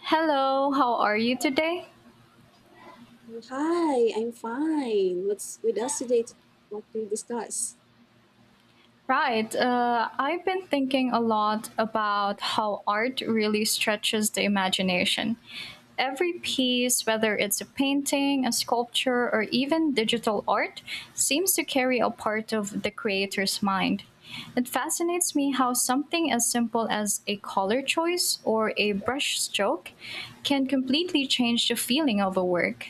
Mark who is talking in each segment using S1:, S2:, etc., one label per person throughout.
S1: Hello, how are you today?
S2: Well, hi, I'm fine. What's with us today? What to discuss?
S1: Right. I've been thinking a lot about how art really stretches the imagination. Every piece, whether it's a painting, a sculpture, or even digital art, seems to carry a part of the creator's mind. It fascinates me how something as simple as a color choice or a brush stroke can completely change the feeling of a work.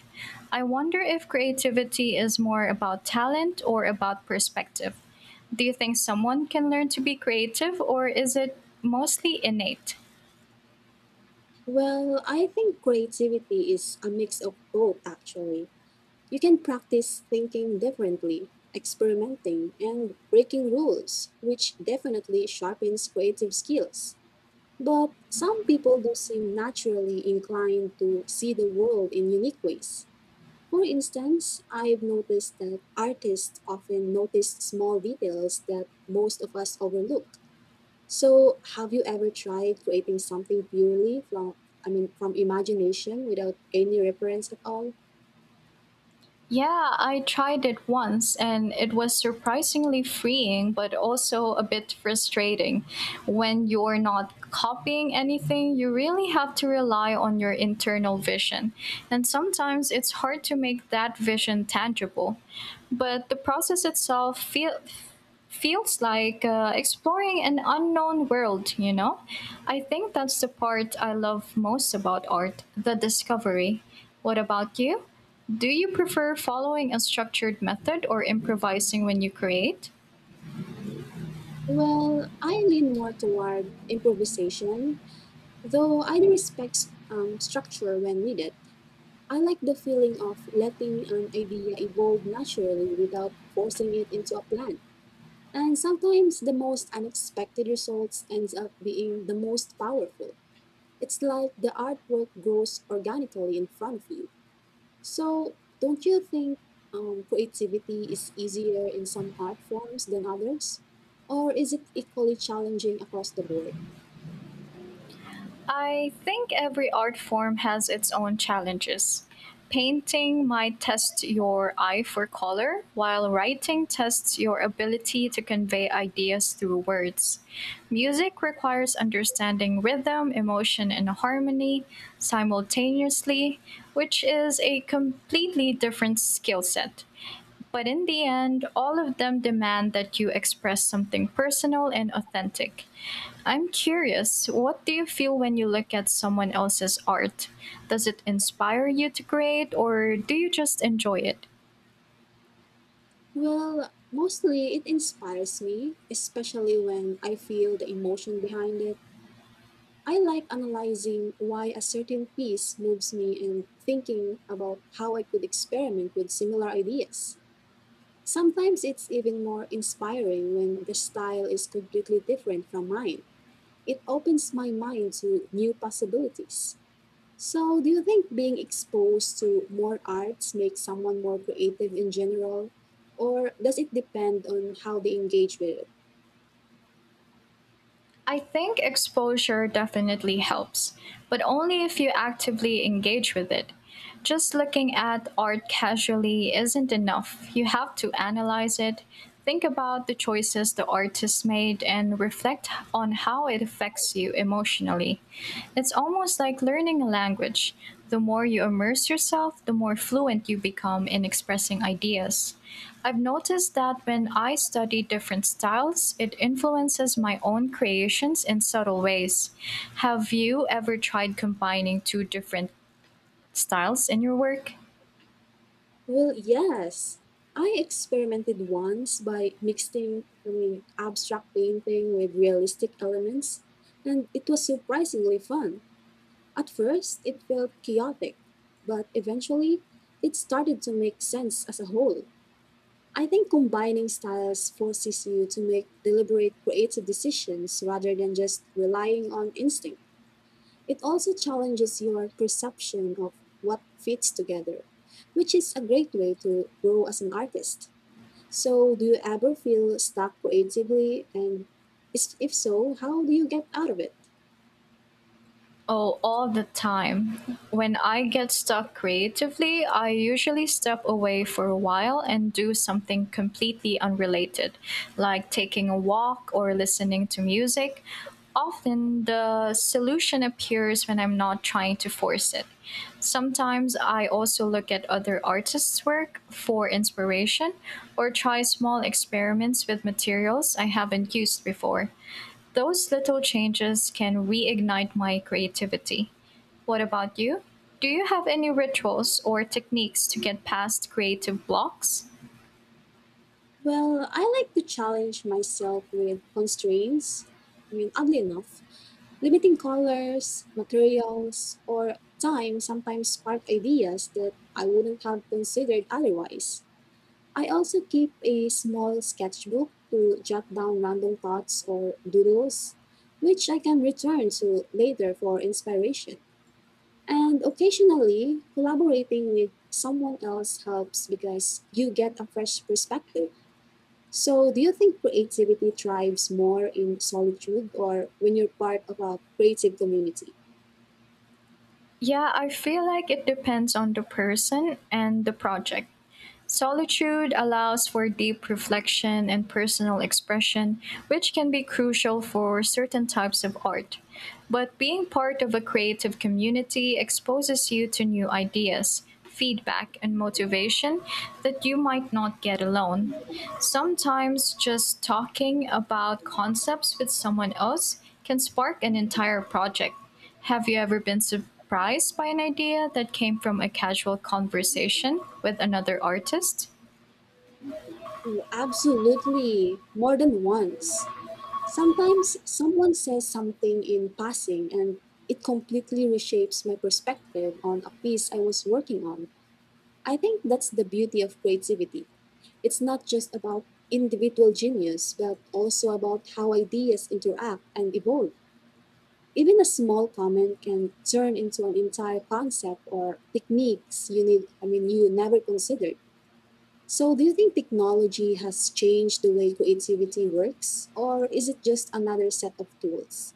S1: I wonder if creativity is more about talent or about perspective. Do you think someone can learn to be creative or is it mostly innate?
S2: Well, I think creativity is a mix of both, actually. You can practice thinking differently, experimenting, and breaking rules, which definitely sharpens creative skills. But some people do seem naturally inclined to see the world in unique ways. For instance, I've noticed that artists often notice small details that most of us overlook. So, have you ever tried creating something purely from from imagination without any reference at all?
S1: Yeah, I tried it once and it was surprisingly freeing, but also a bit frustrating. When you're not copying anything, you really have to rely on your internal vision. And sometimes it's hard to make that vision tangible. But the feels like exploring an unknown world, you know? I think that's the part I love most about art the discovery. What about you? Do you prefer following a structured method or improvising when you create?
S2: Well, I lean more toward improvisation, though I respect structure when needed. I like the feeling of letting an idea evolve naturally without forcing it into a plan. And sometimes the most unexpected results ends up being the most powerful. It's like the artwork grows organically in front of you. So, don't you think creativity is easier in some art forms than others? Or is it equally challenging across the board?
S1: I think every art form has its own challenges. Painting might test your eye for color, while writing tests your ability to convey ideas through words. Music requires understanding rhythm, emotion, and harmony simultaneously, which is a completely different skill set. But in the end, all of them demand that you express something personal and authentic. I'm curious, what do you feel when you look at someone else's art? Does it inspire you to create, or do you just enjoy it?
S2: Well, mostly it inspires me, especially when I feel the emotion behind it. I like analyzing why a certain piece moves me and thinking about how I could experiment with similar ideas. Sometimes it's even more inspiring when the style is completely different from mine. It opens my mind to new possibilities. So, do you think being exposed to more arts makes someone more creative in general? Or does it depend on how they engage with it?
S1: I think exposure definitely helps, but only if you actively engage with it. Just looking at art casually isn't enough. You have to analyze it, think about the choices the artist made, and reflect on how it affects you emotionally. It's almost like learning a language. The more you immerse yourself, the more fluent you become in expressing ideas. I've noticed that when I study different styles, it influences my own creations in subtle ways. Have you ever tried combining two different styles in your work?
S2: Well, yes. I experimented once by mixing abstract painting with realistic elements, and it was surprisingly fun. At first, it felt chaotic, but eventually, it started to make sense as a whole. I think combining styles forces you to make deliberate creative decisions rather than just relying on instinct. It also challenges your perception of what fits together, which is a great way to grow as an artist. So, do you ever feel stuck creatively? If so, how do you get out of it?
S1: Oh, all the time. When I get stuck creatively, I usually step away for a while and do something completely unrelated, like taking a walk or listening to music. Often the solution appears when I'm not trying to force it. Sometimes I also look at other artists' work for inspiration or try small experiments with materials I haven't used before. Those little changes can reignite my creativity. What about you? Do you have any rituals or techniques to get past creative blocks?
S2: Well, I like to challenge myself with constraints. Oddly enough, limiting colors, materials, or time sometimes spark ideas that I wouldn't have considered otherwise. I also keep a small sketchbook to jot down random thoughts or doodles, which I can return to later for inspiration. And occasionally, collaborating with someone else helps because you get a fresh perspective. So, do you think creativity thrives more in solitude or when you're part of a creative community?
S1: Yeah, I feel like it depends on the person and the project. Solitude allows for deep reflection and personal expression, which can be crucial for certain types of art. But being part of a creative community exposes you to new ideas, feedback, and motivation that you might not get alone. Sometimes just talking about concepts with someone else can spark an entire project. Have you ever been surprised by an idea that came from a casual conversation with another artist?
S2: Oh, absolutely, more than once. Sometimes someone says something in passing and it completely reshapes my perspective on a piece I was working on. I think that's the beauty of creativity. It's not just about individual genius, but also about how ideas interact and evolve. Even a small comment can turn into an entire concept or techniques you need I mean you never considered. So, do you think technology has changed the way creativity works, or is it just another set of tools?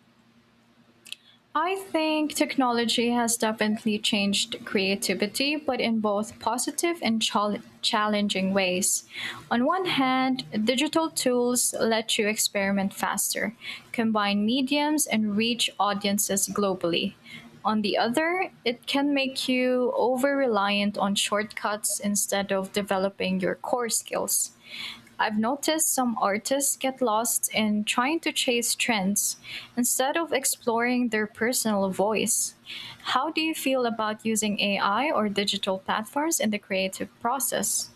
S1: I think technology has definitely changed creativity, but in both positive and challenging ways. On one hand, digital tools let you experiment faster, combine mediums, and reach audiences globally. On the other, it can make you over reliant on shortcuts instead of developing your core skills. I've noticed some artists get lost in trying to chase trends instead of exploring their personal voice. How do you feel about using AI or digital platforms in the creative process?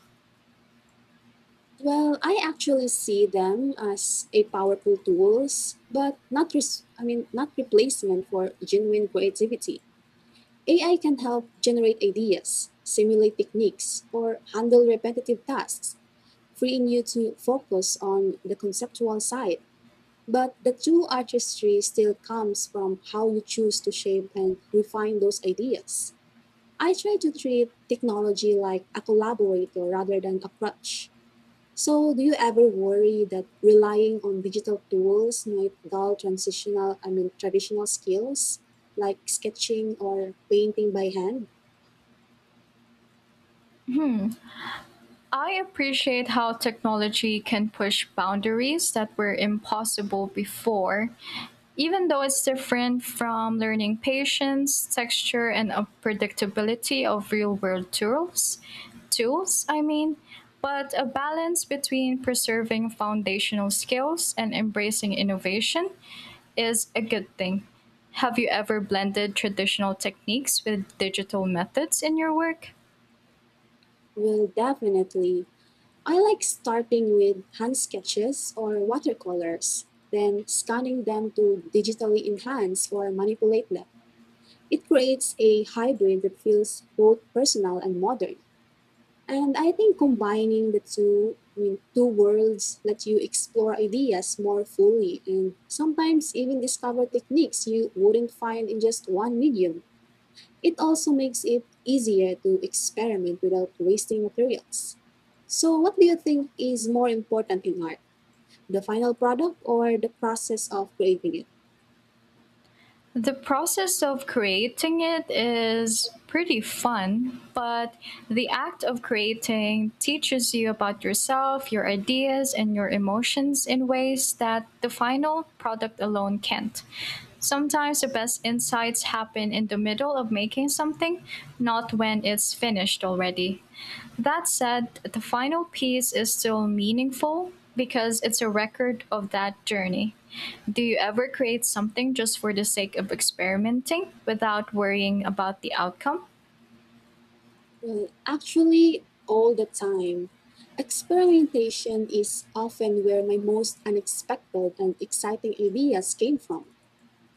S2: Well, I actually see them as a powerful tools, but not res- I mean not replacement for genuine creativity. AI can help generate ideas, simulate techniques, or handle repetitive tasks, freeing you to focus on the conceptual side. But the true artistry still comes from how you choose to shape and refine those ideas. I try to treat technology like a collaborator rather than a crutch. So, do you ever worry that relying on digital tools might dull traditional skills like sketching or painting by hand?
S1: I appreciate how technology can push boundaries that were impossible before, even though it's different from learning patience, texture, and unpredictability of real world tools. Tools, I mean, but a balance between preserving foundational skills and embracing innovation is a good thing. Have you ever blended traditional techniques with digital methods in your work?
S2: Well, definitely. I like starting with hand sketches or watercolors, then scanning them to digitally enhance or manipulate them. It creates a hybrid that feels both personal and modern. And I think combining the two worlds let you explore ideas more fully and sometimes even discover techniques you wouldn't find in just one medium. It also makes it easier to experiment without wasting materials. So, what do you think is more important in art, the final product or the process of creating it?
S1: The process of creating it is pretty fun, but the act of creating teaches you about yourself, your ideas, and your emotions in ways that the final product alone can't. Sometimes the best insights happen in the middle of making something, not when it's finished already. That said, the final piece is still meaningful because it's a record of that journey. Do you ever create something just for the sake of experimenting without worrying about the outcome?
S2: Well, actually, all the time. Experimentation is often where my most unexpected and exciting ideas came from.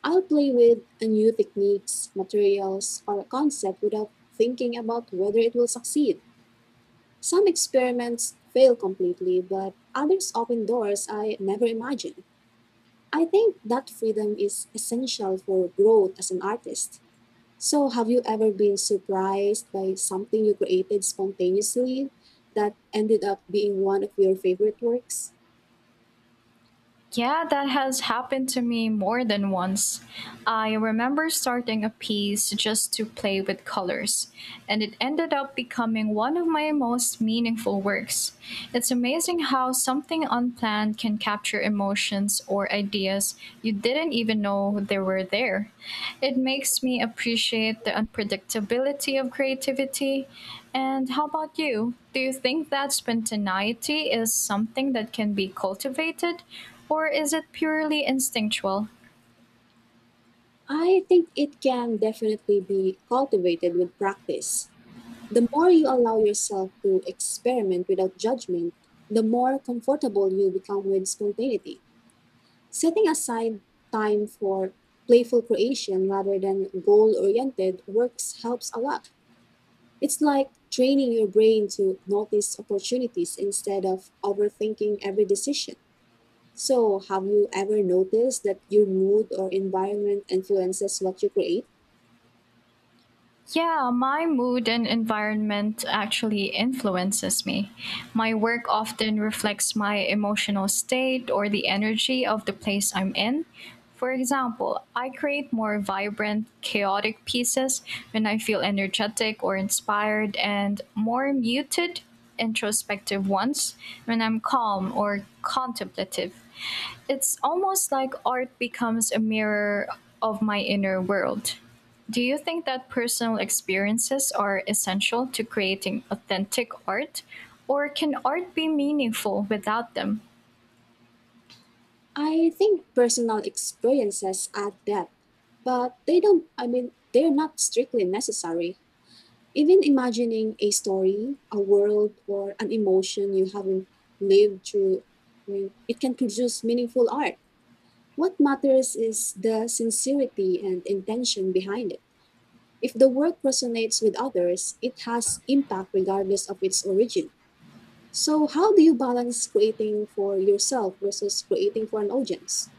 S2: I'll play with a new techniques, materials, or a concept without thinking about whether it will succeed. Some experiments fail completely, but others open doors I never imagined. I think that freedom is essential for growth as an artist. So, have you ever been surprised by something you created spontaneously that ended up being one of your favorite works?
S1: Yeah, that has happened to me more than once. I remember starting a piece just to play with colors, and it ended up becoming one of my most meaningful works. It's amazing how something unplanned can capture emotions or ideas you didn't even know they were there. It makes me appreciate the unpredictability of creativity. And how about you? Do you think that spontaneity is something that can be cultivated? Or is it purely instinctual?
S2: I think it can definitely be cultivated with practice. The more you allow yourself to experiment without judgment, the more comfortable you become with spontaneity. Setting aside time for playful creation rather than goal oriented works helps a lot. It's like training your brain to notice opportunities instead of overthinking every decision. So, have you ever noticed that your mood or environment influences what you create?
S1: Yeah, my mood and environment actually influences me. My work often reflects my emotional state or the energy of the place I'm in. For example, I create more vibrant, chaotic pieces when I feel energetic or inspired, and more muted, introspective ones when I'm calm or contemplative. It's almost like art becomes a mirror of my inner world. Do you think that personal experiences are essential to creating authentic art, or can art be meaningful without them?
S2: I think personal experiences add depth, but they don't, I mean, they're not strictly necessary. Even imagining a story, a world, or an emotion you haven't lived through, it can produce meaningful art. What matters is the sincerity and intention behind it. If the work resonates with others, it has impact regardless of its origin. So, how do you balance creating for yourself versus creating for an audience?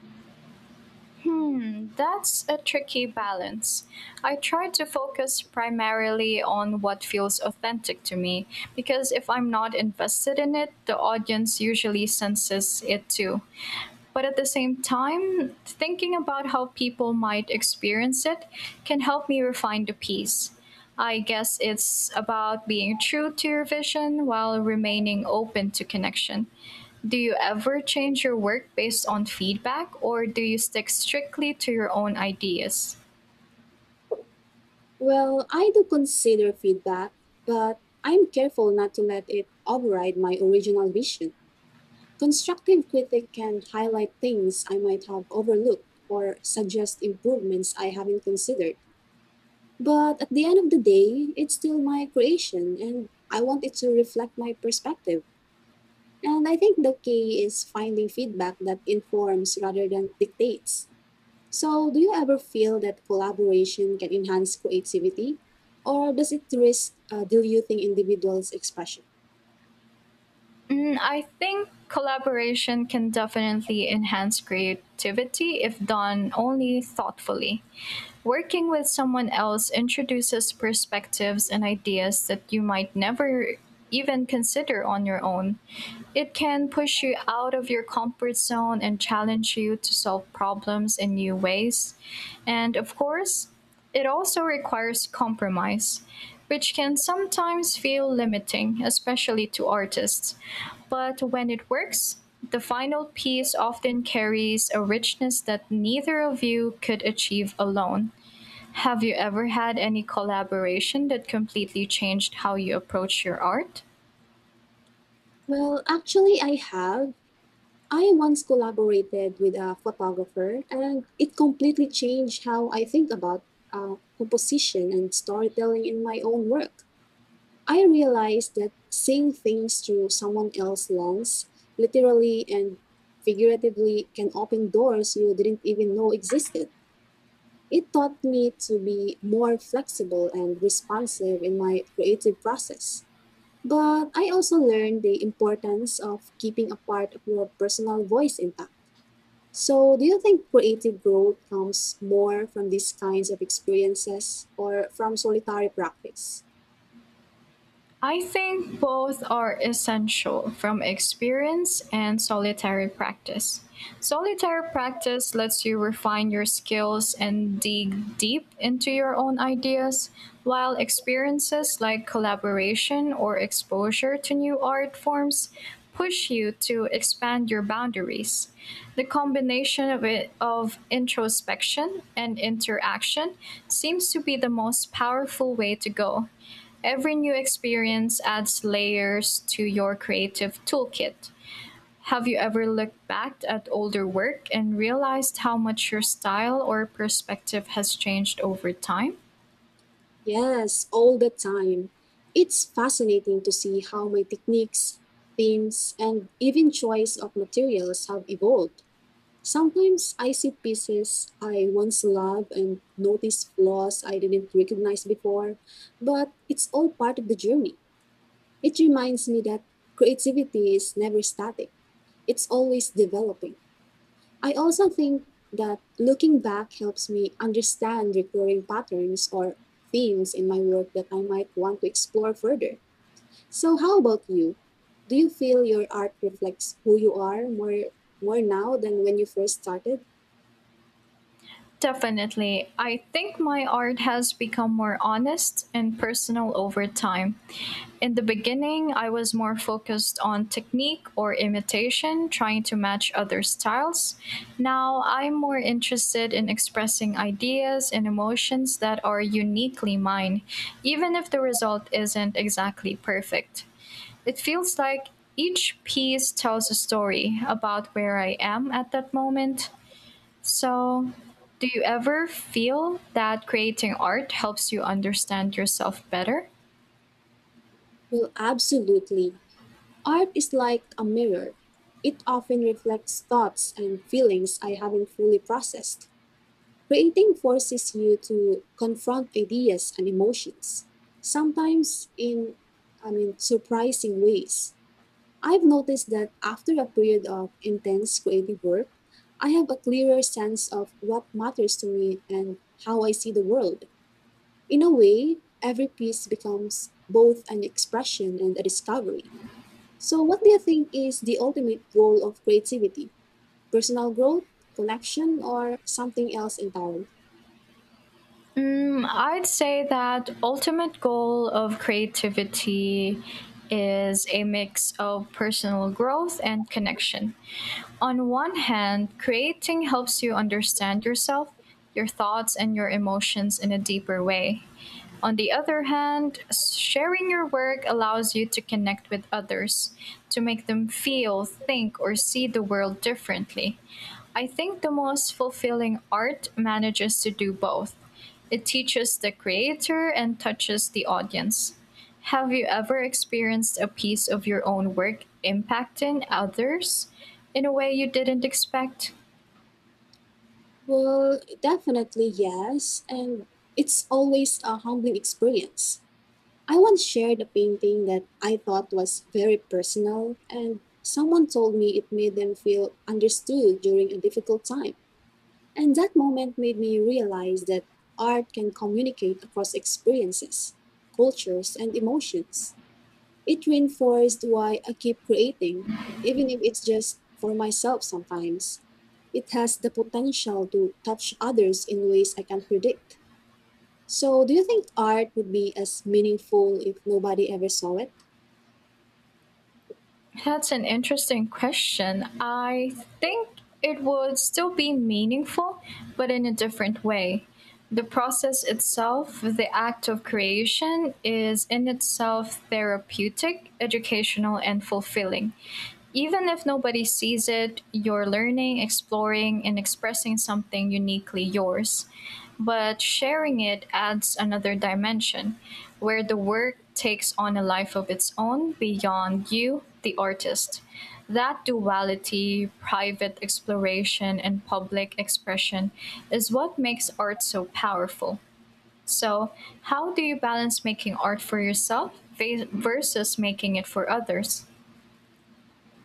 S1: Hmm, that's a tricky balance. I try to focus primarily on what feels authentic to me because if I'm not invested in it, the audience usually senses it too. But at the same time, thinking about how people might experience it can help me refine the piece. I guess it's about being true to your vision while remaining open to connection. Do you ever change your work based on feedback, or do you stick strictly to your own ideas?
S2: Well, I do consider feedback, but I'm careful not to let it override my original vision. Constructive critic can highlight things I might have overlooked or suggest improvements I haven't considered. But at the end of the day, it's still my creation and I want it to reflect my perspective. And I think the key is finding feedback that informs rather than dictates. So, do you ever feel that collaboration can enhance creativity? Or does it risk diluting individuals' expression?
S1: Mm, I think collaboration can definitely enhance creativity if done only thoughtfully. Working with someone else introduces perspectives and ideas that you might never even consider on your own. It can push you out of your comfort zone and challenge you to solve problems in new ways. And of course, it also requires compromise, which can sometimes feel limiting, especially to artists. But when it works, the final piece often carries a richness that neither of you could achieve alone. Have you ever had any collaboration that completely changed how you approach your art?
S2: Well, actually, I have. I once collaborated with a photographer, and it completely changed how I think about composition and storytelling in my own work. I realized that seeing things through someone else's lens, literally and figuratively, can open doors you didn't even know existed. It taught me to be more flexible and responsive in my creative process. But I also learned the importance of keeping a part of your personal voice intact. So, do you think creative growth comes more from these kinds of experiences or from solitary practice?
S1: I think both are essential from experience and solitary practice. Solitary practice lets you refine your skills and dig deep into your own ideas, while experiences like collaboration or exposure to new art forms push you to expand your boundaries. The combination of it of introspection and interaction seems to be the most powerful way to go. Every new experience adds layers to your creative toolkit. Have you ever looked back at older work and realized how much your style or perspective has changed over time?
S2: Yes, all the time. It's fascinating to see how my techniques, themes, and even choice of materials have evolved. Sometimes I see pieces I once loved and notice flaws I didn't recognize before, but it's all part of the journey. It reminds me that creativity is never static, it's always developing. I also think that looking back helps me understand recurring patterns or themes in my work that I might want to explore further. So, how about you? Do you feel your art reflects who you are more now than when you first started?
S1: Definitely. I think my art has become more honest and personal over time. In the beginning, I was more focused on technique or imitation, trying to match other styles. Now, I'm more interested in expressing ideas and emotions that are uniquely mine, even if the result isn't exactly perfect. It feels like each piece tells a story about where I am at that moment. So, do you ever feel that creating art helps you understand yourself better?
S2: Well, absolutely. Art is like a mirror, it often reflects thoughts and feelings I haven't fully processed. Creating forces you to confront ideas and emotions, sometimes in surprising ways. I've noticed that after a period of intense creative work, I have a clearer sense of what matters to me and how I see the world. In a way, every piece becomes both an expression and a discovery. So, what do you think is the ultimate goal of creativity? Personal growth, connection, or something else entirely?
S1: Mm, I'd say that ultimate goal of creativity is a mix of personal growth and connection. On one hand, creating helps you understand yourself, your thoughts, and your emotions in a deeper way. On the other hand, sharing your work allows you to connect with others, to make them feel, think, or see the world differently. I think the most fulfilling art manages to do both it teaches the creator and touches the audience. Have you ever experienced a piece of your own work impacting others in a way you didn't expect?
S2: Well, definitely yes, and it's always a humbling experience. I once shared a painting that I thought was very personal, and someone told me it made them feel understood during a difficult time. And that moment made me realize that art can communicate across experiences, cultures, and emotions. It reinforced why I keep creating, even if it's just for myself sometimes. It has the potential to touch others in ways I can't predict. So, do you think art would be as meaningful if nobody ever saw it?
S1: That's an interesting question. I think it would still be meaningful, but in a different way. The process itself, the act of creation, is in itself therapeutic, educational, and fulfilling. Even if nobody sees it, you're learning, exploring, and expressing something uniquely yours. But sharing it adds another dimension where the work takes on a life of its own beyond you the artist. That duality, private exploration and public expression, is what makes art so powerful. So, how do you balance making art for yourself versus making it for others?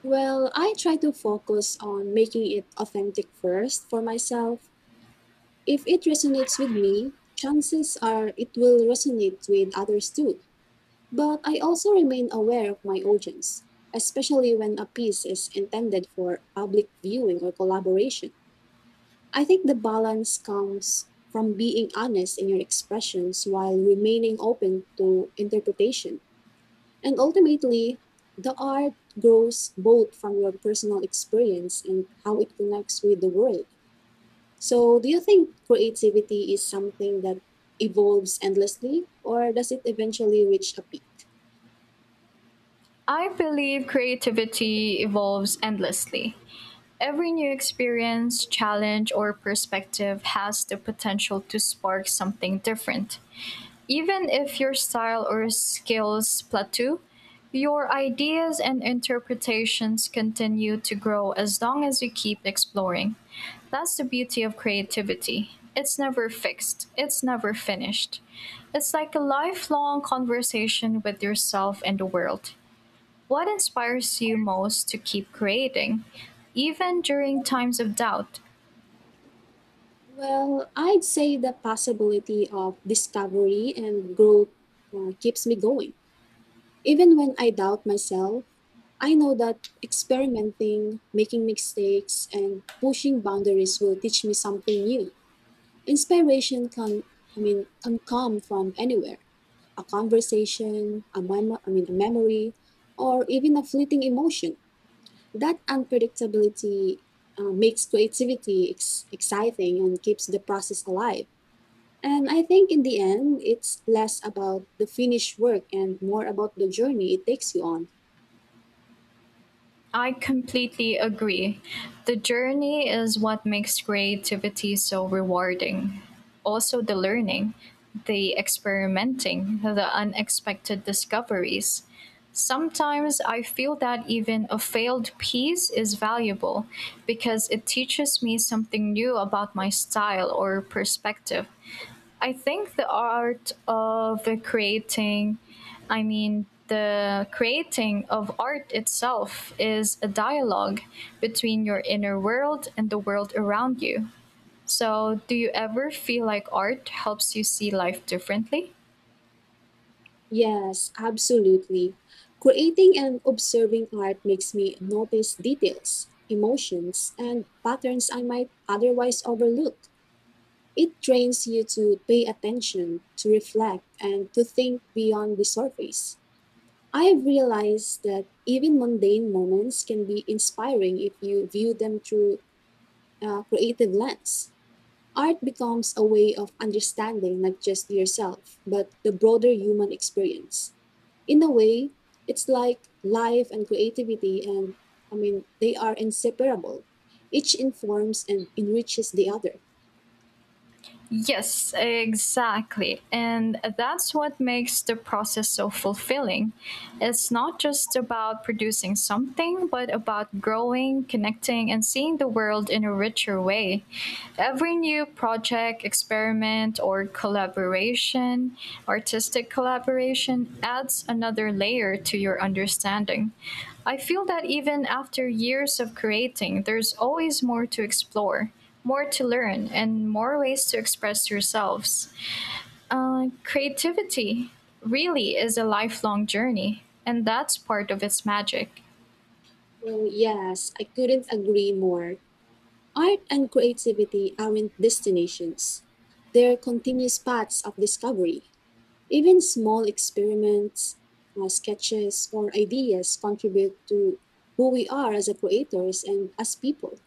S2: Well, I try to focus on making it authentic first for myself. If it resonates with me, chances are it will resonate with others too. But I also remain aware of my audience, especially when a piece is intended for public viewing or collaboration. I think the balance comes from being honest in your expressions while remaining open to interpretation. And ultimately, the art grows both from your personal experience and how it connects with the world. So, do you think creativity is something that evolves endlessly, or does it eventually reach a peak?
S1: I believe creativity evolves endlessly. Every new experience, challenge, or perspective has the potential to spark something different. Even if your style or skills plateau, your ideas and interpretations continue to grow as long as you keep exploring. That's the beauty of creativity. It's never fixed, it's never finished. It's like a lifelong conversation with yourself and the world. What inspires you most to keep creating, even during times of doubt?
S2: Well, I'd say the possibility of discovery and growth keeps me going. Even when I doubt myself, I know that experimenting, making mistakes, and pushing boundaries will teach me something new. Inspiration can come from anywhere, a conversation, a memory, or even a fleeting emotion. That unpredictability makes creativity exciting and keeps the process alive. And I think in the end, it's less about the finished work and more about the journey it takes you on.
S1: I completely agree. The journey is what makes creativity so rewarding. Also, the learning, the experimenting, the unexpected discoveries. Sometimes I feel that even a failed piece is valuable because it teaches me something new about my style or perspective. I think the art of creating, I mean, the creating of art itself is a dialogue between your inner world and the world around you. So, do you ever feel like art helps you see life differently?
S2: Yes, absolutely. Creating and observing art makes me notice details, emotions, and patterns I might otherwise overlook. It trains you to pay attention, to reflect, and to think beyond the surface. I've realized that even mundane moments can be inspiring if you view them through a creative lens. Art becomes a way of understanding not just yourself, but the broader human experience. In a way, it's like life and creativity, they are inseparable. Each informs and enriches the other.
S1: Yes, exactly. And that's what makes the process so fulfilling. It's not just about producing something, but about growing, connecting, and seeing the world in a richer way. Every new project, experiment, or artistic collaboration, adds another layer to your understanding. I feel that even after years of creating, there's always more to explore more to learn and more ways to express yourselves. Creativity really is a lifelong journey, and that's part of its magic.
S2: Well, yes, I couldn't agree more. Art and creativity aren't destinations, they're continuous paths of discovery. Even small experiments, sketches, or ideas contribute to who we are as a creators and as people.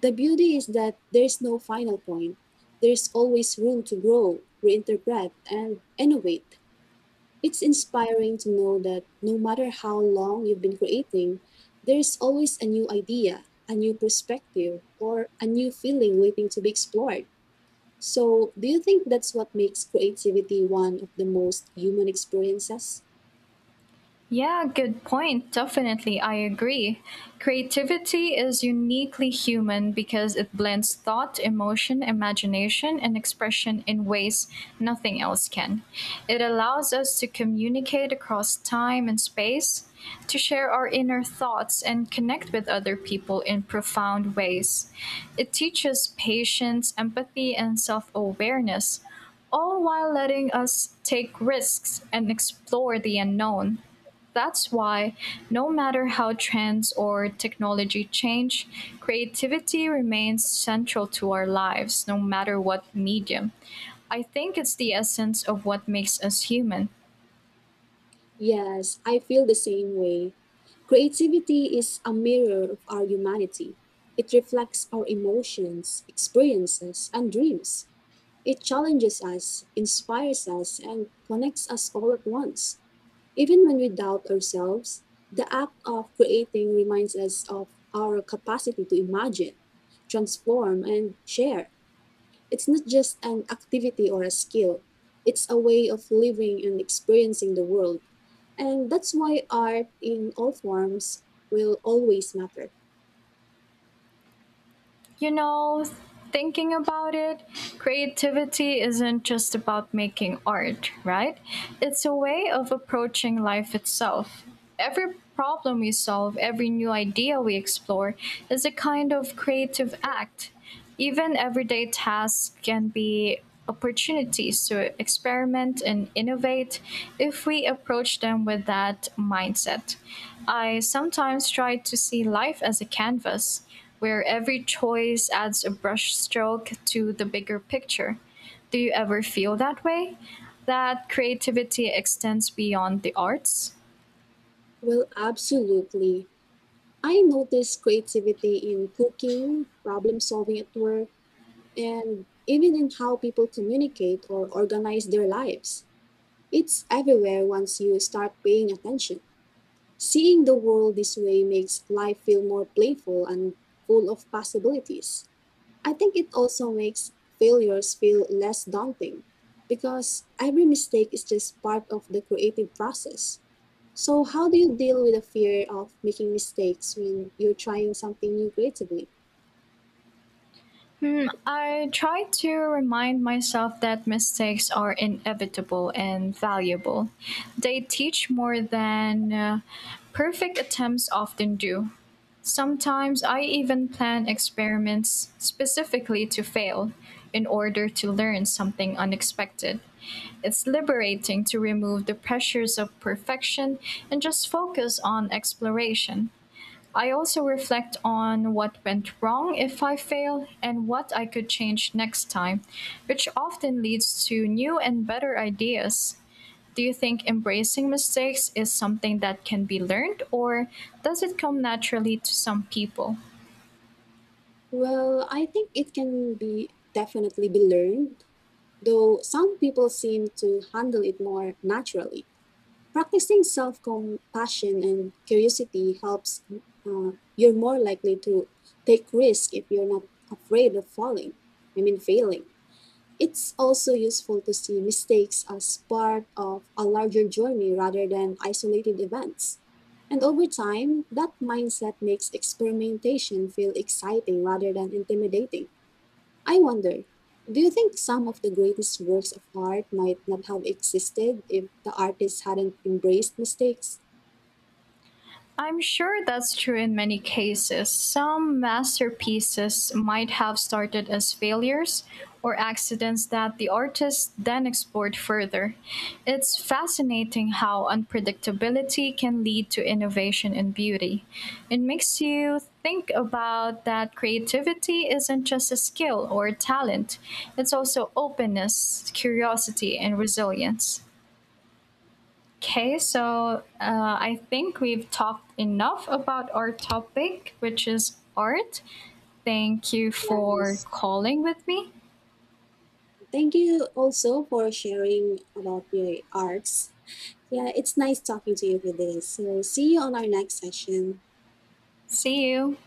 S2: The beauty is that there's no final point, there's always room to grow, reinterpret, and innovate. It's inspiring to know that no matter how long you've been creating, there's always a new idea, a new perspective, or a new feeling waiting to be explored. So, do you think that's what makes creativity one of the most human experiences?
S1: Yeah, good point. Definitely, I agree. Creativity is uniquely human because it blends thought, emotion, imagination, and expression in ways nothing else can. It allows us to communicate across time and space, to share our inner thoughts, and connect with other people in profound ways. It teaches patience, empathy, and self awareness all while letting us take risks and explore the unknown. That's why, no matter how trends or technology change, creativity remains central to our lives, no matter what medium. I think it's the essence of what makes us human.
S2: Yes, I feel the same way. Creativity is a mirror of our humanity. It reflects our emotions, experiences, and dreams. It challenges us, inspires us, and connects us all at once. Even when we doubt ourselves, the act of creating reminds us of our capacity to imagine, transform, and share. It's not just an activity or a skill, it's a way of living and experiencing the world. And that's why art in all forms will always matter.
S1: You know, thinking about it, creativity isn't just about making art, right? It's a way of approaching life itself. Every problem we solve, every new idea we explore, is a kind of creative act. Even everyday tasks can be opportunities to experiment and innovate if we approach them with that mindset. I sometimes try to see life as a canvas where every choice adds a brushstroke to the bigger picture. Do you ever feel that way? That creativity extends beyond the arts?
S2: Well, absolutely. I notice creativity in cooking, problem solving at work, and even in how people communicate or organize their lives. It's everywhere once you start paying attention. Seeing the world this way makes life feel more playful and full of possibilities. I think it also makes failures feel less daunting because every mistake is just part of the creative process. So, how do you deal with the fear of making mistakes when you're trying something new creatively?
S1: Hmm, I try to remind myself that mistakes are inevitable and valuable. They teach more than perfect attempts often do. Sometimes I even plan experiments specifically to fail in order to learn something unexpected. It's liberating to remove the pressures of perfection and just focus on exploration. I also reflect on what went wrong if I fail and what I could change next time, which often leads to new and better ideas. Do you think embracing mistakes is something that can be learned, or does it come naturally to some people?
S2: Well, I think it can be definitely be learned, though some people seem to handle it more naturally. Practicing self compassion and curiosity helps. You're more likely to take risk if you're not afraid of failing. It's also useful to see mistakes as part of a larger journey rather than isolated events. And over time, that mindset makes experimentation feel exciting rather than intimidating. I wonder, do you think some of the greatest works of art might not have existed if the artists hadn't embraced mistakes?
S1: I'm sure that's true in many cases. Some masterpieces might have started as failures or accidents that the artist then explored further. It's fascinating how unpredictability can lead to innovation and beauty. It makes you think about that creativity isn't just a skill or a talent, it's also openness, curiosity, and resilience. Okay, so I think we've talked enough about our topic, which is art. Thank you for
S2: Yes.
S1: calling with me.
S2: Thank you also for sharing about your arts. Yeah, it's nice talking to you for this. So, see you on our next session.
S1: See you.